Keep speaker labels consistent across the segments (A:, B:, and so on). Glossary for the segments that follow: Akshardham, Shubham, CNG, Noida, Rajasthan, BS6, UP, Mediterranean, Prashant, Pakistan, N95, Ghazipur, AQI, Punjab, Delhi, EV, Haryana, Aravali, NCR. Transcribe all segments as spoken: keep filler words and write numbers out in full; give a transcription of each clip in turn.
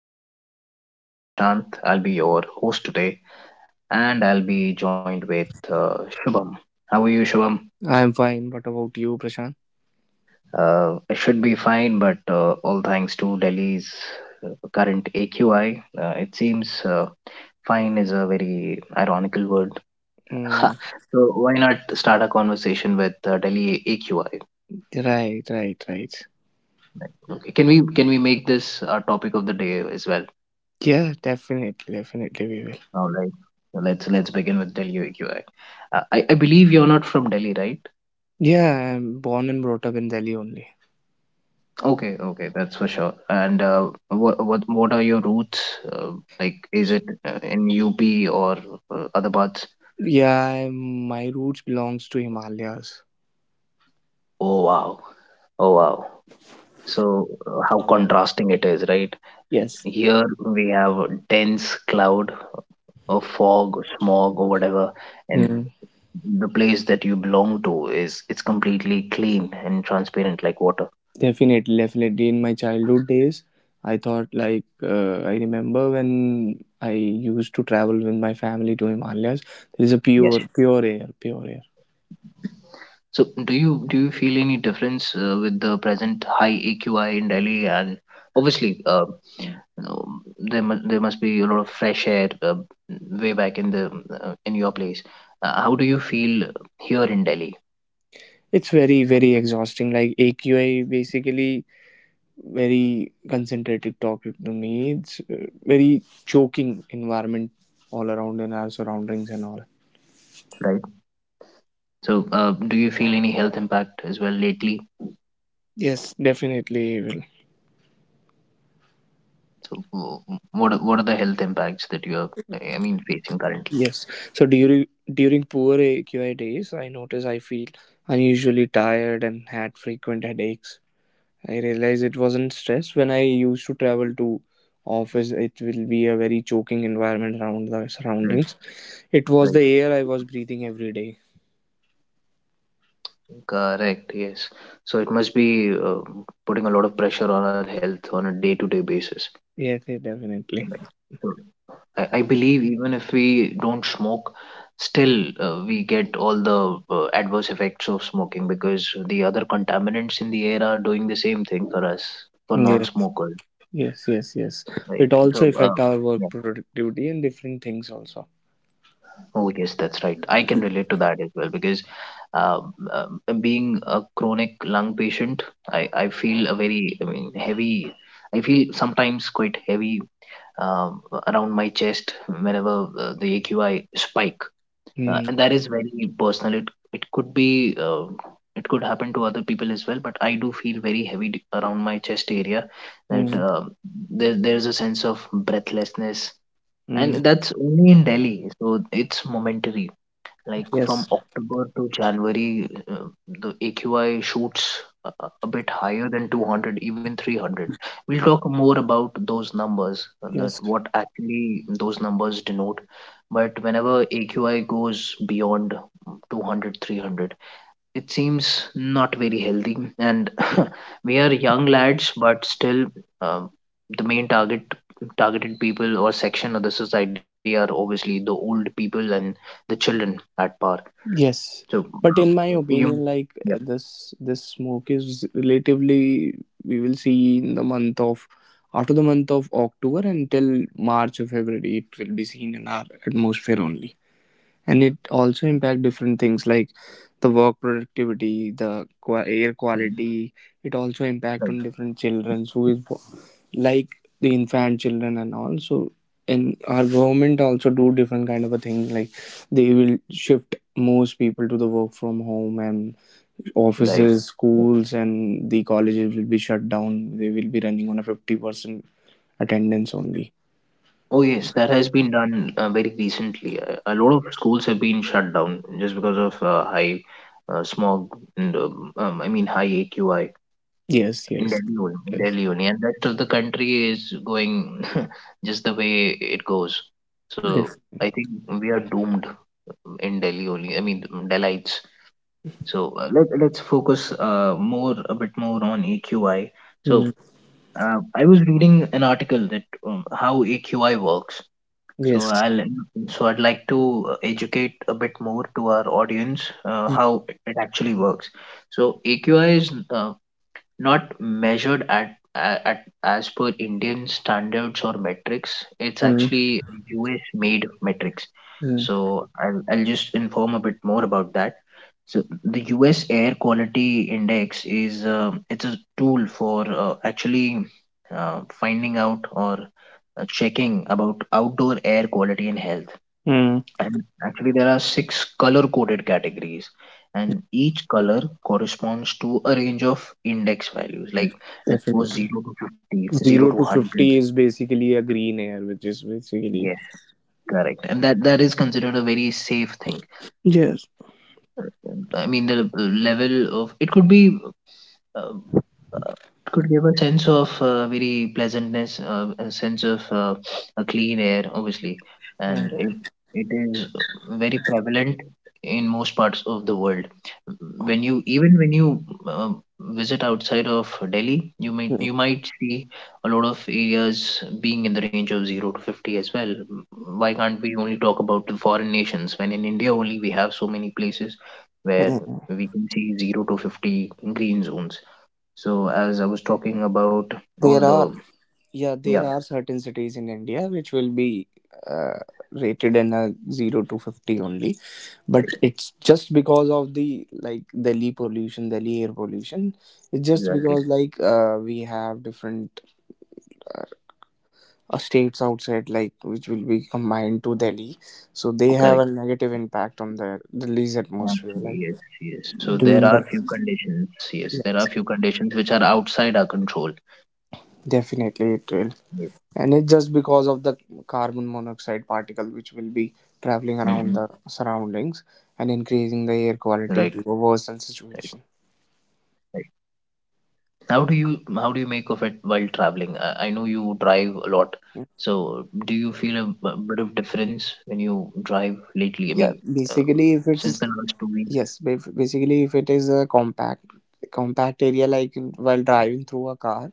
A: podcast. This is Prashant. I'll be your host today, and I'll be joined with uh, Shubham. How are you, Shubham?
B: I'm fine. What about you, Prashant?
A: Uh, I should be fine, but uh, all thanks to Delhi's uh, current A Q I, uh, it seems uh, fine is a very ironical word. so
B: Mm,
A: why not start a conversation with uh, Delhi A Q I?
B: right, right, right.
A: Okay. Can we can we make this our topic of the day as well?
B: Yeah, definitely, definitely we will.
A: All right. So let's let's begin with Delhi U A E. Uh, I I believe you're not from Delhi, right?
B: Yeah, I'm born and brought up in Delhi only.
A: Okay, okay, that's for sure. And uh, what what what are your roots? Uh, like, is it uh, in U P or uh, other parts?
B: Yeah, I'm, my roots belongs to Himalayas.
A: Oh wow, oh wow. So uh, how contrasting it is, right?
B: Yes.
A: Here we have a dense cloud or fog or smog or whatever, and
B: Mm,
A: the place that you belong to is it's completely clean and transparent like water.
B: definitely, definitely. In my childhood days, I thought like uh, I remember when I used to travel with my family to Himalayas. There is a
A: Yes.
B: pure, pure air, pure air.
A: So, do you do you feel any difference uh, with the present high A Q I in Delhi? And obviously, uh, you know, there mu- there must be a lot of fresh air uh, way back in the uh, in your place. Uh, how do you feel here in Delhi?
B: It's very, very exhausting. Like A Q I basically very concentrated topic to me. It's uh, very choking environment all around in our surroundings and all.
A: Right. So, uh, do you feel any health impact as well lately?
B: Yes, definitely will.
A: So, w- what are- what are the health impacts that you are, I mean, facing currently?
B: Yes. So during during poor A Q I days, I notice I feel unusually tired and had frequent headaches. I realize it wasn't stress when I used to travel to office. It will be a very choking environment around the
A: Right.
B: surroundings. It was
A: Right.
B: the air I was breathing every day.
A: Correct. Yes. So it must be uh, putting a lot of pressure on our health on a day-to-day basis.
B: Yes, yes, definitely.
A: Right. So, I, I believe even if we don't smoke, still uh, we get all the uh, adverse effects of smoking because the other contaminants in the air are doing the same thing for us, for
B: Yes.
A: non-smokers,
B: Yes, yes, yes.
A: right?
B: It
A: So,
B: also
A: uh,
B: affect our
A: yeah.
B: work productivity and different things also.
A: Oh, yes, that's right. I can relate to that as well because um, um, being a chronic lung patient, I, I feel a very, I mean, heavy, I feel sometimes quite heavy um, around my chest whenever uh, the A Q I spike uh,
B: Mm,
A: and that is very personal. It it could be uh, it could happen to other people as well, but I do feel very heavy d- around my chest area that
B: mm,
A: uh, there, there's a sense of breathlessness
B: mm.
A: and that's only in delhi, so it's momentary, like from
B: Yes,
A: October to January, uh, the A Q I shoots a a- a bit higher than two hundred, even three hundred. We'll talk more about those numbers, uh, that
B: yes,
A: what actually those numbers denote. But whenever A Q I goes beyond two hundred, three hundred, it seems not very healthy. And we are young lads, but still, um, the main target targeted people or section of the society are obviously the old people and the children at par,
B: yes.
A: so
B: But in
A: uh,
B: my
A: you,
B: opinion, like
A: yeah,
B: uh, this, this smoke is relatively we will see in the month of after the month of October until March or February. It will be seen in our atmosphere only. And it also impact different things like the work productivity, the qua- air
A: mhm,
B: quality, it also
A: right,
B: impact on different children who is wo- like the infant children and all. So and our government also do different kind of a thing, like they will shift most people to the work from home, and
A: right.
B: offices, schools and the colleges will be shut down, they will be running on a fifty percent attendance only.
A: Oh yes, that has been done uh, very recently. Uh, a lot of schools have been shut down just because of uh, high uh, smog and um, um, I mean high A Q I
B: Yes,
A: in
B: yes,
A: Delhi, only- in
B: yes,
A: Delhi only, and rest of the country is going just the way it goes. So
B: yes.
A: I think we are doomed in Delhi only. I mean Delites. So uh, let let's focus uh, more a bit more on A Q I. So
B: Mm.
A: Uh, I was reading an article that um, how A Q I works. So
B: Yes.
A: I'll so I'd like to uh, educate a bit more to our audience uh, how it actually works. So A Q I is uh, not measured at, at as per Indian standards or metrics. It's actually U S made metrics.
B: Mm.
A: So I'll, I'll just inform a bit more about that. So the U S Air Quality Index is uh, it's a tool for uh, actually uh, finding out or uh, checking about outdoor air quality and health.
B: Mm.
A: And actually, there are six color coded categories, and each color corresponds to a range of index values. Like let's suppose
B: Definitely.
A: zero to fifty, zero to
B: Zero to
A: one hundred.
B: fifty is basically a green air, which is basically.
A: Yes, correct. And that that is considered a very safe thing.
B: Yes.
A: I mean, the level of it could be uh, uh, could give a sense of uh, very pleasantness, uh, a sense of uh, a clean air, obviously, and
B: Mm,
A: it, it is very prevalent in most parts of the world. When you even when you uh, visit outside of Delhi, you might
B: mm,
A: you might see a lot of areas being in the range of zero to fifty as well. Why can't we only talk about the foreign nations when in India only we have so many places where
B: mm.
A: we can see zero to fifty green zones? So as I was talking about all
B: There
A: the
B: are Yeah,
A: yeah,
B: there are certain cities in India which will be uh, rated in a zero to fifty only,
A: right,
B: but it's just because of the, like, Delhi pollution, Delhi air pollution. It's just
A: exactly,
B: because like uh, we have different. uh, uh, States outside like which will be combined to Delhi, so they have
A: correct.
B: a negative impact on the Delhi's atmosphere,
A: Actually,
B: like
A: yes, yes, so there
B: during the,
A: are few conditions, yes,
B: yeah,
A: there are few conditions which are outside our control.
B: definitely it will,
A: Yes.
B: and it's just because of the carbon monoxide particle which will be traveling around the
A: Hmm,
B: surroundings
A: right,
B: and increasing the air
A: right,
B: quality to a worsen
A: right.
B: situation.
A: How do you how do you make of it while traveling? I, I know you drive a lot, so do
B: Yeah.
A: you feel a, b- bit of difference when you drive lately? I mean
B: Yeah,
A: um, since the
B: basically if
A: last two
B: it's
A: weeks
B: Yes, ba- basically, if it is a compact compact area, like in- while driving through a car,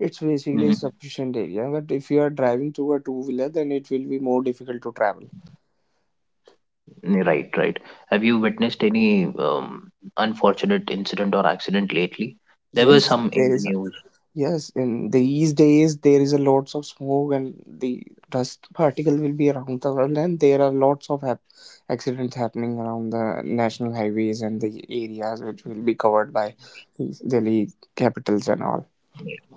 B: it's basically
A: Mm-hmm.
B: sufficient area. But if you are driving through a two wheeler, then it will be more difficult to travel.
A: Right, right. Have you witnessed any um, unfortunate incident or accident lately? There were
B: Yes,
A: some in
B: there
A: the
B: is. A,
A: news.
B: yes, in these days there is a lots of smoke and the dust particle will be around the world, and there are lots of hap- accidents happening around the national highways and the areas which will be covered by these Delhi capitals and all.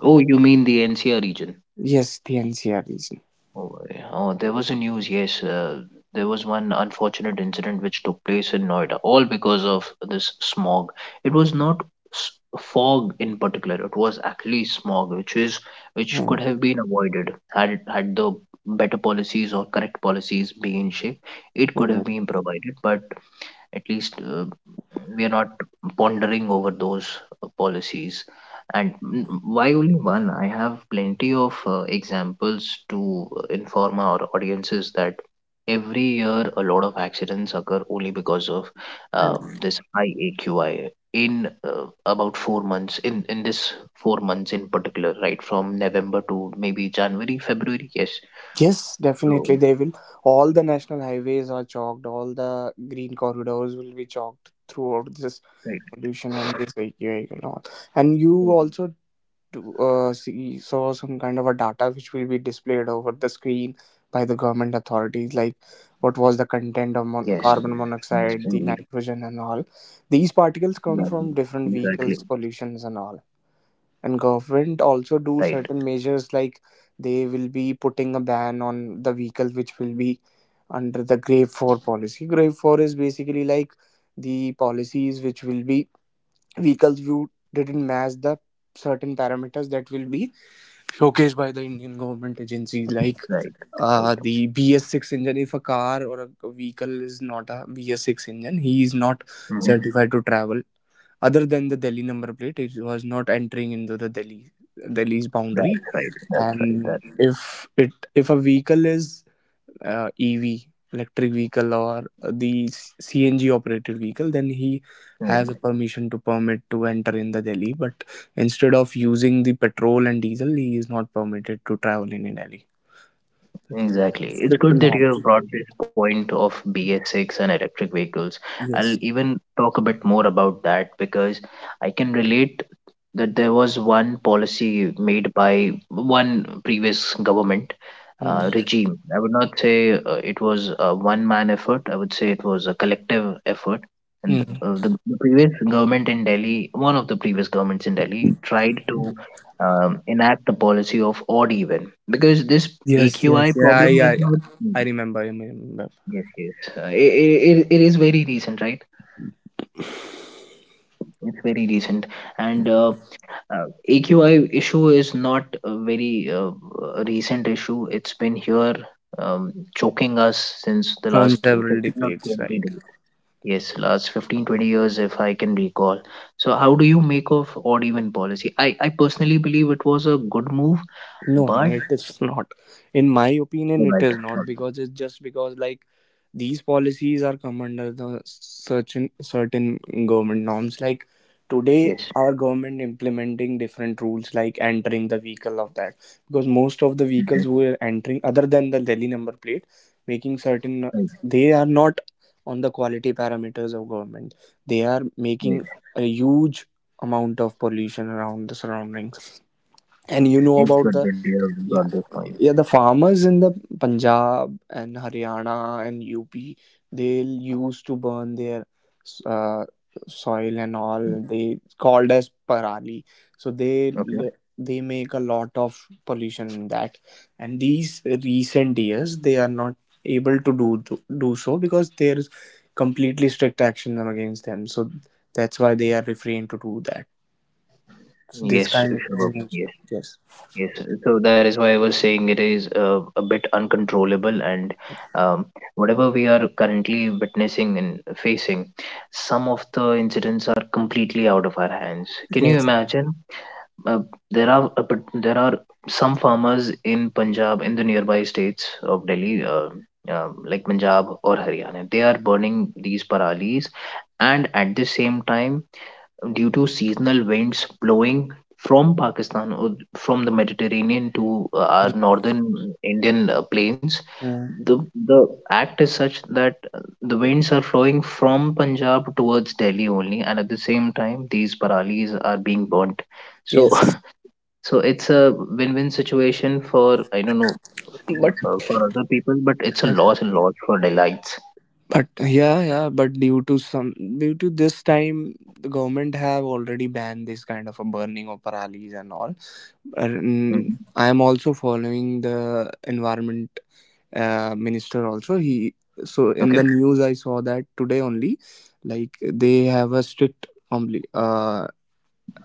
A: Oh, you mean the N C R region?
B: Yes, the N C R region.
A: Oh, yeah. Oh, there was a news, yes. Uh, there was one unfortunate incident which took place in Noida, all because of this smog. It was not s- fog in particular, it was actually smog, which is which could have been avoided had it- had the better policies or correct policies been in shape. It could
B: Mm,
A: have been provided, but at least uh, we are not pondering over those uh, policies. And mm, why only one? I have plenty of uh, examples to inform our audiences that every year a lot of accidents occur only because of um,
B: mm.
A: this high A Q I in uh, about four months in in this four months in particular, right from november to maybe january, february, yes,
B: Yes,
A: so
B: definitely they will. All the national highways are chalked. All the green corridors will be chalked throughout this
A: right,
B: pollution and this vehicle and all. And you
A: right,
B: also do, uh, see saw some kind of a data which will be displayed over the screen by the government authorities, like
A: yes,
B: what
A: yes,
B: was the
A: yes,
B: content of mon-
A: indeed,
B: carbon monoxide, the nitrogen and all.
A: exactly,
B: These particles come
A: exactly.
B: from different vehicles, pollutions and all, and government
A: Right.
B: also do certain measures, like they will be putting a ban on the vehicle which will be under the grave four policy. Grave four is basically like the policies which will be vehicles you didn't match the certain parameters that will be showcased by the Indian government agencies, like
A: Right. Right.
B: uh, the b s six engine. If a car or a vehicle is not a b s six engine, he is not
A: Mhm.
B: certified to travel. Other than the Delhi number plate, it was not entering into the Delhi Delhi's
A: That's
B: boundary.
A: right. That's right.
B: And
A: That's
B: if it if a vehicle is uh, E V, electric vehicle, or the C N G operated vehicle, then he
A: right.
B: has a permission to permit to enter in the Delhi. But instead of using the petrol and diesel, he is not permitted to travel in Delhi. That's the
A: Exactly. It's
B: strict
A: good that you
B: norms.
A: have brought this point of B S six and electric vehicles. I'll
B: Yes.
A: even talk a bit more about that because I can relate that there was one policy made by one previous government
B: Mm.
A: uh, regime. I would not say uh, it was a one man effort, I would say it was a collective effort. And
B: Mm.
A: uh, the, the previous government in Delhi, one of the previous governments in Delhi, tried to um, enact the policy of odd even because this
B: Yes. Yes.
A: A Q I
B: Yeah. I.
A: problem
B: I.
A: is not. Mm,
B: I remember. I remember
A: yes, yes. Uh, it, it, it is very recent, right? It's very recent. And uh, uh, A Q I issue is not a very uh, uh, recent issue. It's been here um, choking us since the
B: from
A: last
B: several
A: fifteen or
B: decades,
A: twenty
B: right?
A: days. Yes, last fifteen twenty years, if I can recall. So, how do you make of odd even policy? I, I personally believe it was a good move,
B: No, no,
A: but.
B: it is not. In my opinion, it
A: Right.
B: is not, because it's just because like these policies are come under the certain certain government norms. Like today,
A: Yes.
B: our government implementing different rules like entering the vehicle of that, because most of the vehicles
A: Mhm.
B: who are entering other than the Delhi number plate, making certain
A: Right.
B: they are not on the quality parameters of government. They are
A: Right.
B: making a huge amount of pollution around the surroundings, and you know
A: It's
B: about the,
A: good that you have
B: yeah,
A: brought this point.
B: yeah, the farmers in the Punjab and Haryana and U P, they used to burn their uh, soil and all. They called as parali. So they
A: Okay.
B: they make a lot of pollution in that. And these recent years, they are not able to do to, do so, because there is completely strict action against them. So that's why they are refrained to do that. So this
A: Yes,
B: kind
A: Shubham.
B: of,
A: Yes,
B: yes,
A: yes. So that is why I was saying it is uh, a bit uncontrollable, and um, whatever we are currently witnessing and facing, some of the incidents are completely out of our hands. Can you
B: yes.
A: imagine? Uh, there are a, bit- there are some farmers in Punjab, in the nearby states of Delhi, uh, uh, like Punjab or Haryana. They are burning these paralis, and at the same time due to seasonal winds blowing from Pakistan or from the Mediterranean to uh, our northern Indian uh, plains,
B: Mm.
A: the the act is such that uh, the winds are flowing from Punjab towards Delhi only, and at the same time, these paralis are being burnt. So,
B: Yes.
A: so it's a win-win situation for I don't know
B: But
A: uh, for other people, but it's a loss and loss for Delights.
B: But yeah, yeah, but due to some due to this time, the government have already banned this kind of a burning of paralis and all. And
A: Hmm.
B: I am also following the environment uh, minister also. He, so in
A: Okay.
B: the news I saw that today only, like they have a strict compli- uh,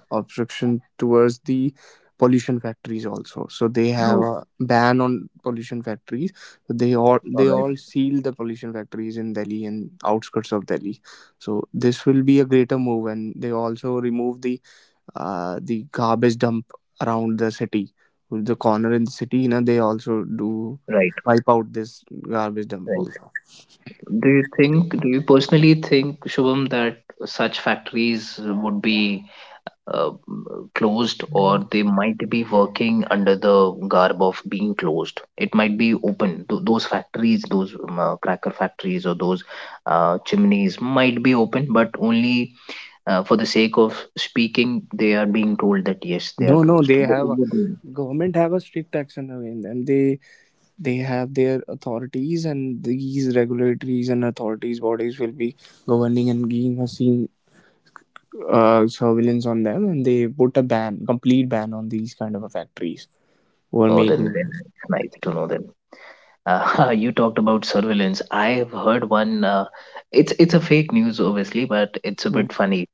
B: obstruction towards the pollution factories also. So they have
A: Oh,
B: a ban on pollution factories, so they all
A: all
B: they
A: right.
B: all seal the pollution factories in Delhi and outskirts of Delhi. So this will be a greater move, and they also remove the uh, the garbage dump around the city, the corner in the city, you know, they also do
A: Right.
B: wipe out this garbage dump
A: Right.
B: also.
A: Do you think, do you personally think, Shubham, that such factories would be uh, closed or they might be working under the garb of being closed? It might be open. Th- those factories, those um, uh, cracker factories or those uh, chimneys might be open, but only uh, for the sake of speaking, they are being told that yes, they
B: No,
A: are
B: no,
A: closed.
B: they
A: Wh-
B: have a,
A: what do you-
B: government have a strict action against them. they they have their authorities, and these regulatories and authorities bodies will be governing and being a seen uh, surveillance on them, and they put a ban, complete ban, on these kind of a factories who are
A: Oh,
B: making.
A: then, then it's nice to know that. Uh, you talked about surveillance. I have heard one. Uh, it's it's a fake news, obviously, but it's a
B: Mm,
A: bit funny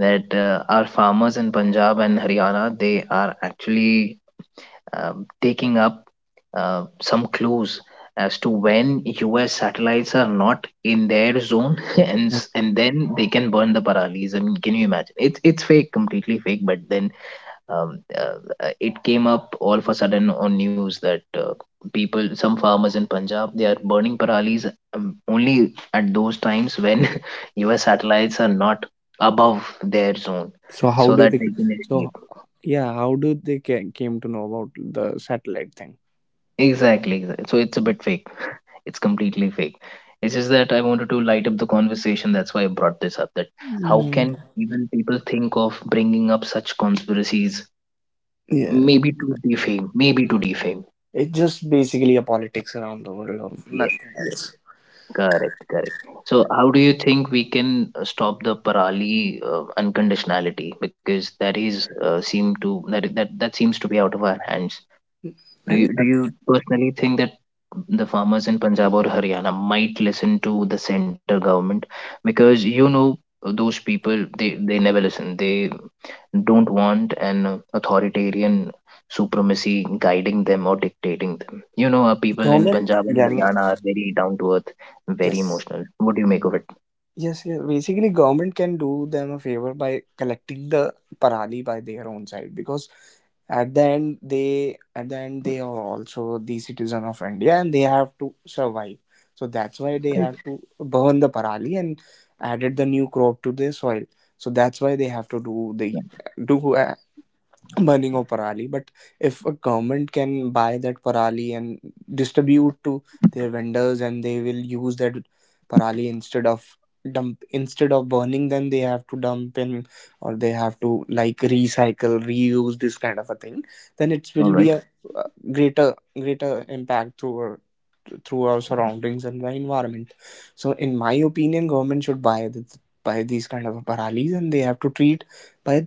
A: that uh, our farmers in Punjab and Haryana they are actually um, taking up uh, some clues as to when U S satellites are not in their zone, and s-
B: mm.
A: and then they can burn the Paralis. I mean, can you imagine? It's it's fake, completely fake. But then um, uh, uh, it came up all of a sudden on news that uh, people some farmers in punjab they are burning paralis um, only at those times when us satellites are not above their zone
B: So how
A: so
B: do
A: that
B: they,
A: they can
B: so,
A: escape
B: yeah, how do they ca- came to know about the satellite thing?
A: exactly exa- so it's a bit fake. It's completely fake. It's just that I wanted to light up the conversation. That's why I brought this up, that how
B: Mm.
A: can even people think of bringing up such conspiracies?
B: Yeah,
A: Maybe to defame, maybe to defame
B: it's just basically a politics around the world or nothing
A: Yes.
B: else.
A: Correct, correct. So, how do you think we can uh, stop the Parali uh, unconditionality? Because that is uh, seem to that that that seems to be out of our hands. Do you
B: And
A: do you personally think that the farmers in Punjab or Haryana might listen to the center government? Because you know, those people they they never listen. They don't want an authoritarian supremacy guiding them or dictating them. You know, our people in
B: government.
A: Punjab and
B: Yeah.
A: Haryana are very down to earth, very
B: Yes.
A: emotional. What do you make of it?
B: Yes, yes. Basically, government can do them a favor by collecting the parali by their own side, because at the end, they at the end they are also the citizen of India, and they have to survive. So that's why they have to burn the parali and added the new crop to their soil. So that's why they have to do the do burning of parali. But if a government can buy that parali and distribute to their vendors, and they will use that parali instead of dump, instead of burning, then they have to dump in, or they have to like recycle, reuse this kind of a thing, then it
A: All
B: will be
A: right.
B: a uh, greater greater impact through our, through our surroundings and the environment. So in my opinion, government should buy this, buy these kind of paralis, and they have to treat by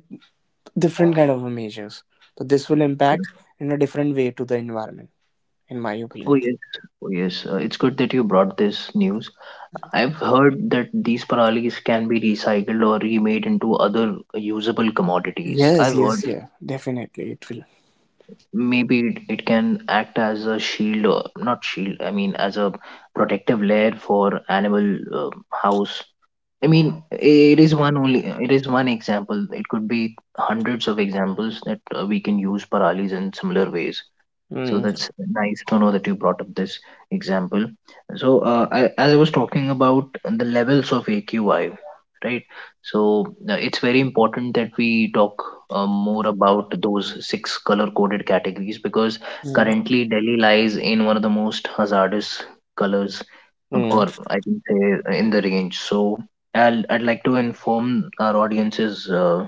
B: different kind of measures. So this will impact in a different way to the environment, in my
A: Oh
B: opinion.
A: yes, oh yes. Uh, it's good that you brought this news. I've heard that these paralis can be recycled or remade into other usable commodities.
B: Yes,
A: I've heard
B: yes, yeah, definitely it will.
A: maybe it, it can act as a shield, or not shield, I mean as a protective layer for animal uh, house. I mean it is one only, it is one example. It could be hundreds of examples that uh, we can use paralis in similar ways. So
B: Mm,
A: that's nice to know that you brought up this example. So uh, I, as I was talking about the levels of A Q I, right? So uh, it's very important that we talk uh, more about those six color-coded categories, because
B: mm,
A: currently Delhi lies in one of the most hazardous colors, uh,
B: mm,
A: or I can say uh, in the range. So I'll, I'd like to inform our audiences. Uh,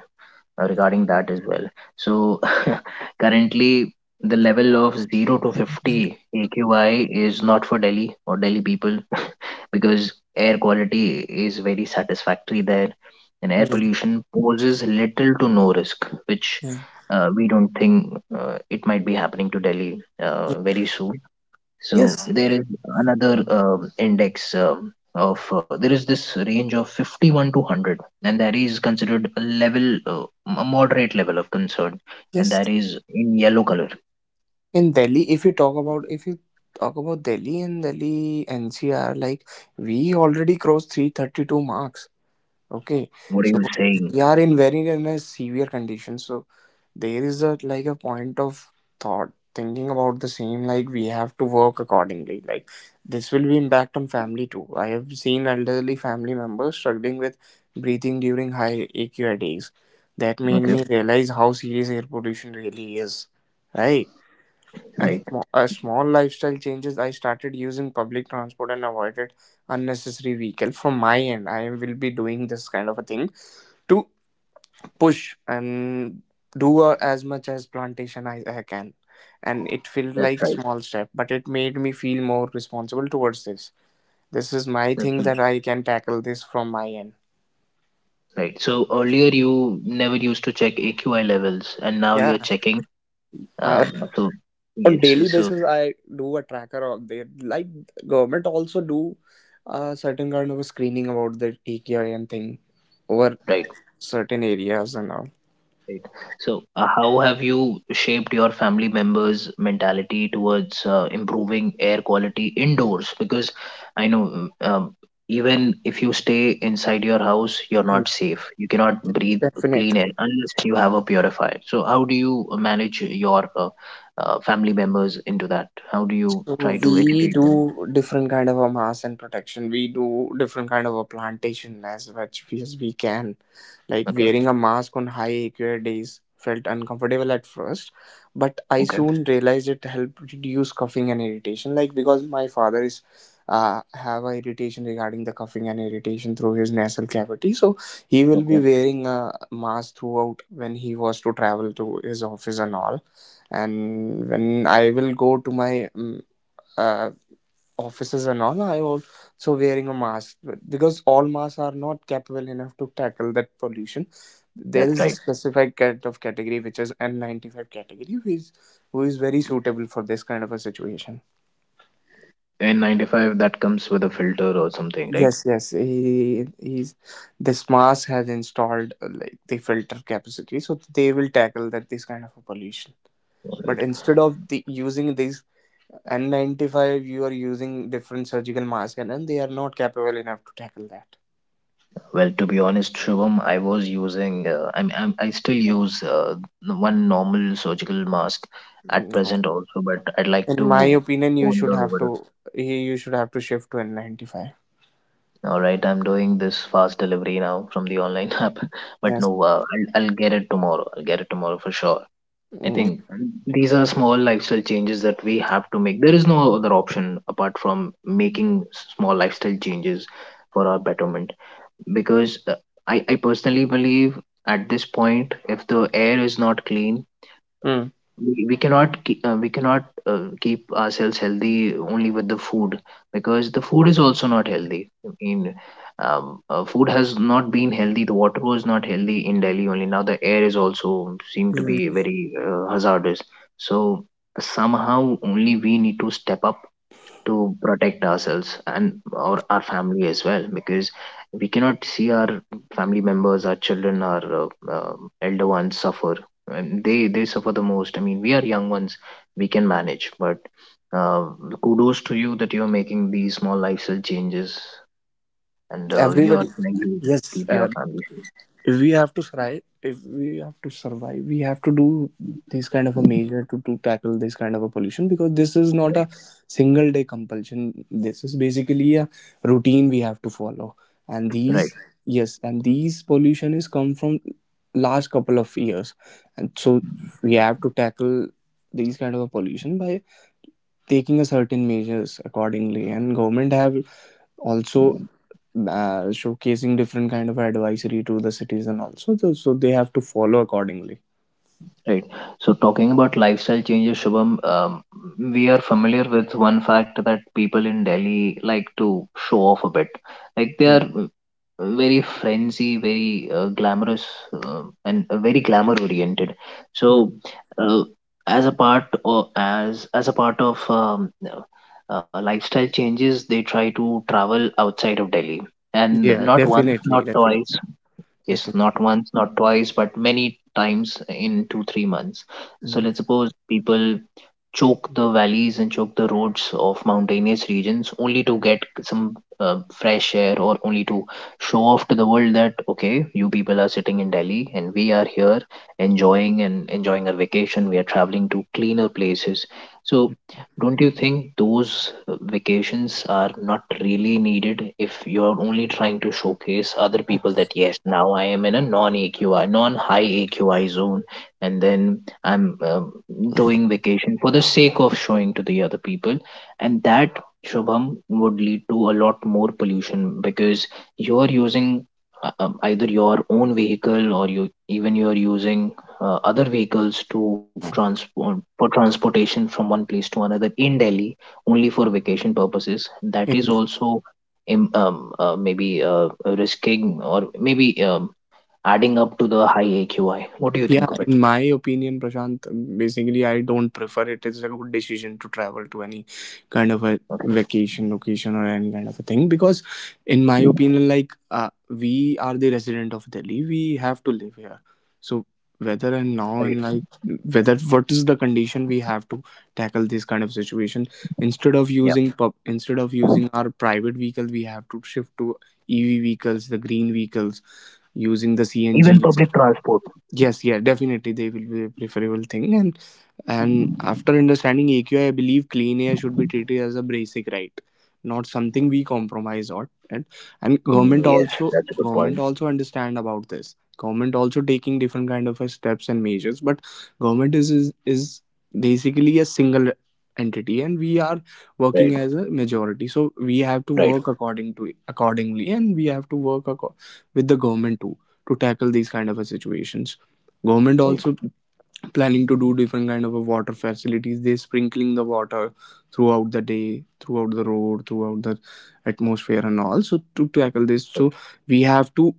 A: uh, Regarding that as well. So currently, the level of zero to fifty A Q I is not for Delhi or Delhi people because air quality is very satisfactory there, and air
B: mm,
A: pollution poses little to no risk, which
B: mm.
A: uh, we don't think uh, it might be happening to Delhi uh, very soon. So
B: Yes,
A: there is another um, index um, of uh, there is this range of fifty one to one hundred, and that is considered a level, uh, a moderate level of concern, and
B: yes.
A: that is in yellow color.
B: In Delhi, if you talk about if you talk about Delhi and Delhi N C R, like we already crossed three thirty two marks. Okay,
A: What are
B: so
A: you saying?
B: we are in very in a severe condition. So there is a like a point of thought thinking about the same, like we have to work accordingly, like this will be impact on family too. I have seen elderly family members struggling with breathing during high AQI days. That made
A: Okay,
B: me realize how serious air pollution really is. Right. And
A: right,
B: sm- a small lifestyle changes, I started using public transport and avoided unnecessary vehicle. From my end, I will be doing this kind of a thing. To push and do uh, as much as plantation I, I can. And it felt
A: that's
B: like
A: right,
B: small step, but it made me feel more responsible towards this. This is my
A: that's
B: thing,
A: right.
B: that I can tackle this from my end.
A: Right. So earlier you never used to check A Q I levels, and now you're
B: Yeah.
A: checking.
B: I,
A: Um, so
B: on
A: yes,
B: daily
A: so
B: basis, I do a tracker of the, like, government also do a certain kind of a screening about the T K I and thing over
A: right.
B: certain areas and all.
A: Right. So, uh, how have you shaped your family members' mentality towards uh, improving air quality indoors? Because I know mm, um, even if you stay inside your house, you're
B: Hmm.
A: not safe. You cannot breathe clean
B: Definitely.
A: air unless you have a purifier. So, how do you manage your uh, uh, family members into that? How do you
B: So
A: try to
B: we
A: educate them?
B: do different kind of a mass and protection. We do different kind of a plantation as much as we can. Like
A: Okay,
B: wearing a mask on high A Q I days felt uncomfortable at first, but I
A: okay,
B: soon realized it helped reduce coughing and irritation. Like because my father is uh, have a irritation regarding the coughing and irritation through his nasal cavity, so he will
A: okay.
B: be wearing a mask throughout when he was to travel to his office and all. And when I will go to my mm, uh, offices and all are also wearing a mask, because all masks are not capable enough to tackle that pollution. There
A: That's
B: is a
A: right.
B: specific kind of category which is N ninety-five category, who is who is very suitable for this kind of a situation.
A: In ninety five, that comes with a filter or something,
B: Yes, yes, he he's this mask has installed uh, like the filter capacity, so they will tackle that this kind of a pollution. But
A: right?
B: instead of the using these N ninety-five, you are using different surgical masks, and, and they are not capable enough to tackle that.
A: Well, to be honest, Shubham, I was using, uh, I'm, I'm, I still use uh, the one normal surgical mask at
B: No.
A: present also, but I'd like
B: In my
A: to
B: opinion, you should
A: ponder
B: have
A: over it.
B: to he- you should have to shift to N ninety-five.
A: All right, I'm doing this fast delivery now from the online app, but
B: Yes.
A: no, uh, I'll, I'll get it tomorrow. I'll get it tomorrow for sure. I
B: Mm.
A: think these are small lifestyle changes that we have to make. There is no other option apart from making s- small lifestyle changes for our betterment, because uh, I, I personally believe at this point, if the air is not clean,
B: Mm.
A: we, we cannot ke- uh, we cannot uh, keep ourselves healthy only with the food, because the food is also not healthy. I mean, um, uh, food has not been healthy, the water was not healthy in Delhi, only now the air is also seem to be
B: Mm.
A: very uh, hazardous. So somehow only we need to step up to protect ourselves and our, our family as well, because we cannot see our family members, our children, our uh, um elder ones suffer, and they they suffer the most. I mean we are young ones, we can manage, but uh, kudos to you that you're making these small lifestyle changes, and uh, you're
B: Everybody.
A: trying to
B: Yes.
A: keep
B: Uh,
A: your family safe,
B: if we have to survive, if we have to survive, we have to do this kind of a measure to, to tackle this kind of a pollution, because this is not a single day compulsion. This is basically a routine we have to follow. And these,
A: right.
B: yes, and these pollution is come from last couple of years, and so we have to tackle these kind of a pollution by taking a certain measures accordingly. And government have also uh, showcasing different kind of advisory to the citizen also, so, so they have to follow accordingly.
A: Right. So talking about lifestyle changes, Shubham, um, we are familiar with one fact that people in Delhi like to show off a bit. Like they
B: Mm,
A: are uh, very frenzy, very uh, glamorous, uh, and uh, very glamour oriented.
B: mm.
A: So uh, as a part, or as as a part of um, uh, lifestyle changes, they try to travel outside of Delhi, and
B: Yeah,
A: not once,
B: definitely,
A: not twice.
B: definitely,
A: Yes, not
B: definitely.
A: once, not twice, but many times in two, three months. So
B: Mm,
A: let's suppose people choke the valleys and choke the roads of mountainous regions, only to get some uh, fresh air, or only to show off to the world that okay, you people are sitting in Delhi and we are here enjoying, and enjoying our vacation, we are traveling to cleaner places. So
B: mm.
A: don't you think those uh, vacations are not really needed if you're only trying to showcase other people that yes, now I am in a non AQI, non high AQI zone, and then I'm um doing vacation for the sake of showing to the other people, and that, Shubham, would lead to a lot more pollution, because you're using uh, um, either your own vehicle, or you, even you're using uh, other vehicles to transport, for transportation from one place to another in Delhi, only for vacation purposes. That is
B: Yes.
A: also im- um, uh, maybe uh, risking, or maybe um, adding up to the high A Q I. What do you
B: Yeah,
A: think of it?
B: in my opinion, Prashant, basically I don't prefer it. It's a good decision to travel to any kind of a
A: Okay.
B: vacation location or any kind of a thing, because in my opinion, like uh, we are the resident of Delhi, we have to live here. So whether and now and like, whether what is the condition, we have to tackle this kind of situation. instead of
A: Yeah.
B: using pub instead of using our private vehicle, we have to shift to EV vehicles, the green vehicles, using the CNG.
A: Even public transport.
B: Yes, yeah, definitely they will be a preferable thing. and and after understanding A Q I, I I believe clean air should be treated as a basic right, not something we compromise on. And, and
A: Mm,
B: government
A: yes,
B: also,
A: that's a good
B: government
A: point.
B: also understand about this. Government also taking different kind of uh, steps and measures, but government is, is is basically a single entity, and we are
A: Right,
B: working as a majority. So we have to
A: right,
B: work according to accordingly, and we have to work acco- with the government too, to tackle these kind of a situations. Government
A: right,
B: also planning to do different kind of a water facilities. They sprinkling the water throughout the day, throughout the road, throughout the atmosphere and all, so to tackle this.
A: right.
B: So we have to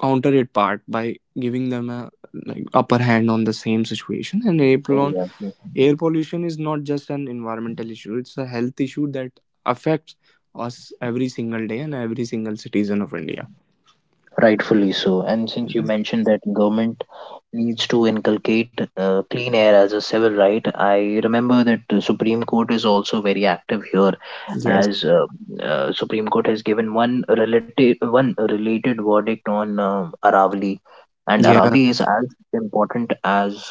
B: counter it part by giving them a like upper hand on the same situation. And air
A: Oh,
B: pollution,
A: yeah.
B: air pollution is not just an environmental issue. It's a health issue that affects us every single day and every single citizen of India.
A: Rightfully so. And since you mentioned that government needs to inculcate uh, clean air as a civil right. I remember that the Supreme Court is also very active here,
B: Yes,
A: as uh, uh, Supreme Court has given one related one related verdict on um Aravali, and
B: yeah,
A: Aravali is as important as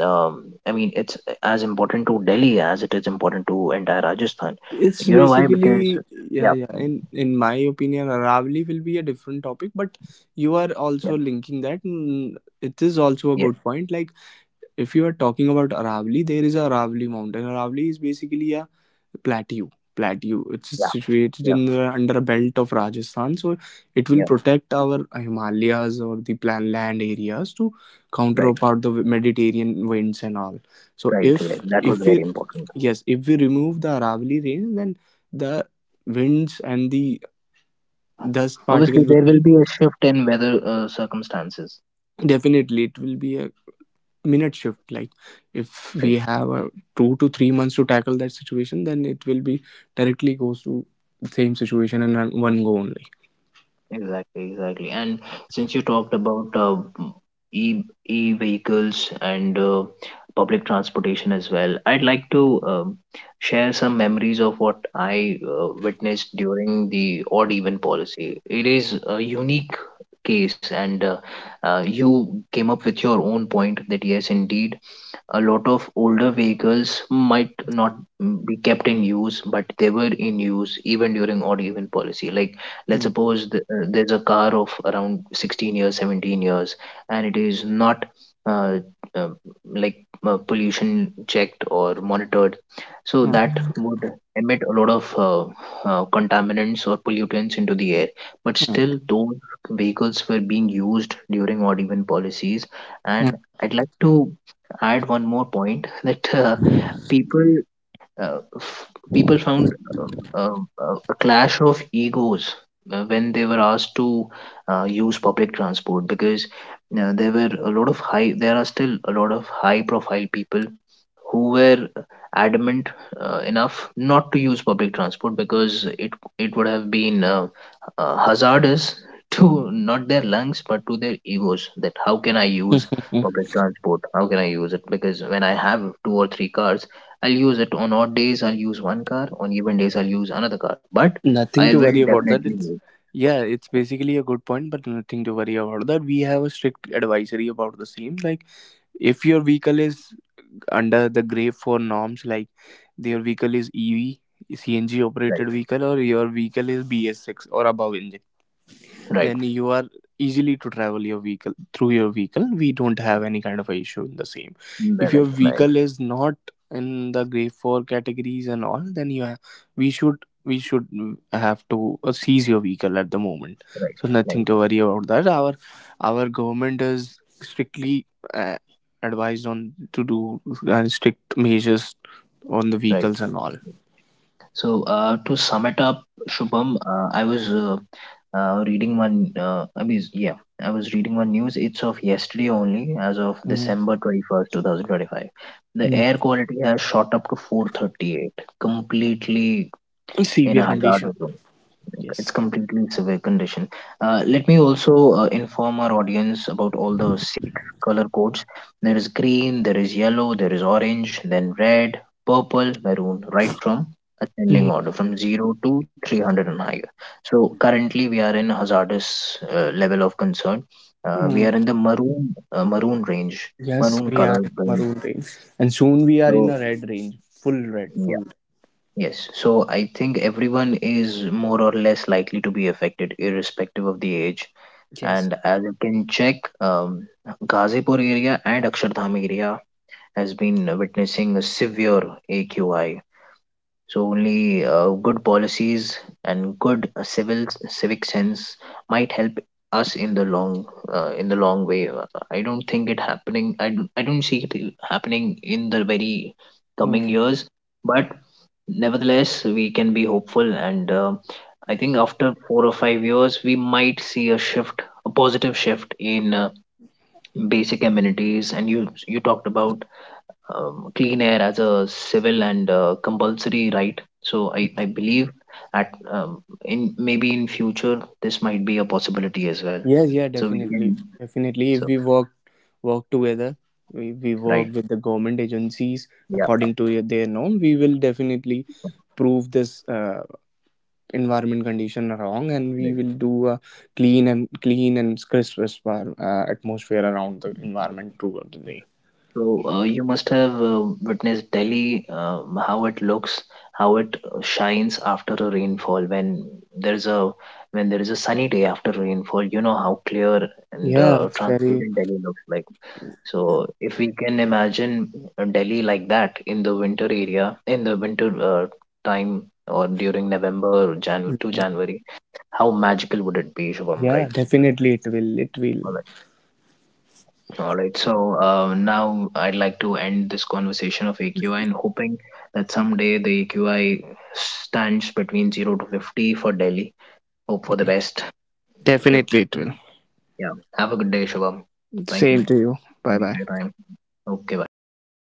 A: um, I mean it's as important to Delhi as it is important to entire Rajasthan.
B: it's
A: You know why? Because
B: basically, yeah,
A: yeah,
B: yeah, in in my opinion, Aravali will be a different topic, but you are
A: yeah,
B: also linking that. Mm, it is also a
A: yeah,
B: good point. Like if you are talking about Aravali, there is a Aravali mountain. Aravali is basically a plateau plateau It's
A: yeah,
B: situated
A: yeah,
B: in the, under a belt of Rajasthan. So it will
A: yeah.
B: protect our Himalayas or the plan land areas to counter
A: Right,
B: out the Mediterranean winds and all. So
A: right. Yeah,
B: if
A: that was
B: if we,
A: very important.
B: yes, if we remove the Aravalli range, then the winds and the dust
A: Obviously,
B: particle
A: there
B: will,
A: will be a shift in weather uh, circumstances,
B: definitely it will be a minute shift. Like if we
A: right?
B: have a two to three months to tackle that situation, then it will be directly goes to the same situation in one one go only.
A: Exactly, exactly. And since you talked about uh, e e vehicles and uh, public transportation as well, I'd like to um, share some memories of what I uh, witnessed during the odd even policy. It is a unique case, and uh, uh, you came up with your own point that yes, indeed, a lot of older vehicles might not be kept in use, but they were in use even during odd even policy. Like let's
B: Mm,
A: suppose th- uh, there's a car of around sixteen years, seventeen years, and it is not uh, uh, like uh, pollution checked or monitored, so that
B: mm,
A: would emit a lot of uh, uh, contaminants or pollutants into the air, but still those vehicles were being used during odd even policies.
B: mm,
A: And I'd like to add one more point, that uh, people uh, f- people found um, uh, uh, a clash of egos uh, when they were asked to uh, use public transport, because uh, there were a lot of high, there are still a lot of high profile people who were adamant uh, enough not to use public transport, because it it would have been uh, uh, hazardous to not their lungs, but to their egos. That how can I use
B: mm.
A: public transport, how can I use it, because when I have two or three cars, I'll use it on odd days. I'll use one car. On even days, I'll use another car. But I
B: Nothing to
A: will
B: worry about that.
A: definitely
B: It's,
A: use,
B: yeah, it's basically a good point, but nothing to worry about that. We have a strict advisory about the same. Like if your vehicle is under the grave for norms, like their vehicle is E V, C N G
A: right,
B: operated vehicle, or your vehicle is B S six or above engine,
A: right.
B: then you are easily to travel your vehicle through your vehicle. We don't have any kind of a issue in the same. If
A: Then
B: your
A: it's nice,
B: vehicle is not in the grade four categories and all, then you have, we should we should mm, have to uh, seize your vehicle at the moment.
A: right,
B: So
A: right,
B: nothing to worry about that. our our government is strictly uh, advised on to do uh, strict measures on the
A: right.
B: vehicles and all.
A: So uh, to sum it up, Shubham, uh, I was uh, uh, reading one. Uh, I mean, yeah, I was reading one news. It's of yesterday only, as of
B: Mhm.
A: December twenty first, two thousand twenty five. The
B: Mm.
A: air quality has shot up to four thirty eight, completely in
B: Severe
A: a
B: condition.
A: hazard,
B: Yes.
A: it's completely severe condition. Uh, let me also uh, inform our audience about all the six color codes. There is green, there is yellow, there is orange, then red, purple, maroon, right from ascending order
B: Mhm.
A: from zero to three hundred and higher. So currently we are in hazardous uh, level of concern. Uh, we are in
B: Mm.
A: the maroon uh, maroon range,
B: Yes,
A: maroon
B: we
A: color
B: are in
A: range.
B: maroon range, and soon we are in
A: So
B: a red range. Full red,
A: yeah,
B: full.
A: yes. So I think everyone is more or less likely to be affected, irrespective of the age.
B: Yes.
A: And as you can check, um, Ghazipur area and Akshardham area has been witnessing a severe A Q I. So only uh, good policies and good uh, civil civic sense might help us in the long uh, in the long way. Uh, I don't think it happening. I don't, I don't see it happening in the very coming
B: Hmm.
A: years. But nevertheless, we can be hopeful, and uh, I think after four or five years, we might see a shift, a positive shift in uh, basic amenities. And you you talked about um, clean air as a civil and uh, compulsory right. So I, I believe at um, in maybe in future this might be a possibility as well.
B: Yes, yeah,
A: So we
B: definitely,
A: can
B: definitely. If
A: so
B: we work work together, we, we work
A: right,
B: with the government agencies
A: yeah.
B: according to their norm, we will definitely prove this uh, environment condition wrong, and we will do a clean and clean and crisp atmosp- uh, atmosphere around the environment throughout the day.
A: So uh, you must have uh, witnessed Delhi, uh, how it looks, how it uh, shines after a rainfall. When there's a when there is a sunny day after rainfall, you know how clear and
B: Yeah,
A: uh,
B: it's very.
A: transparent Delhi looks like. So if we can imagine uh, Delhi like that in the winter area, in the winter uh, time, or during November, Jan to January, how magical would it be, Shubham?
B: Yeah,
A: Right?
B: definitely it will. It will.
A: All right. So uh, now I'd like to end this conversation of A Q I, and hoping that someday the A Q I stands between zero to fifty for Delhi. Hope for the best. Okay.
B: Definitely it
A: Mm.
B: will.
A: Yeah. Have a good day, Shubham. Thank you.
B: Same to you.
A: Thank
B: Bye
A: you for
B: bye.
A: your time. Okay. Bye.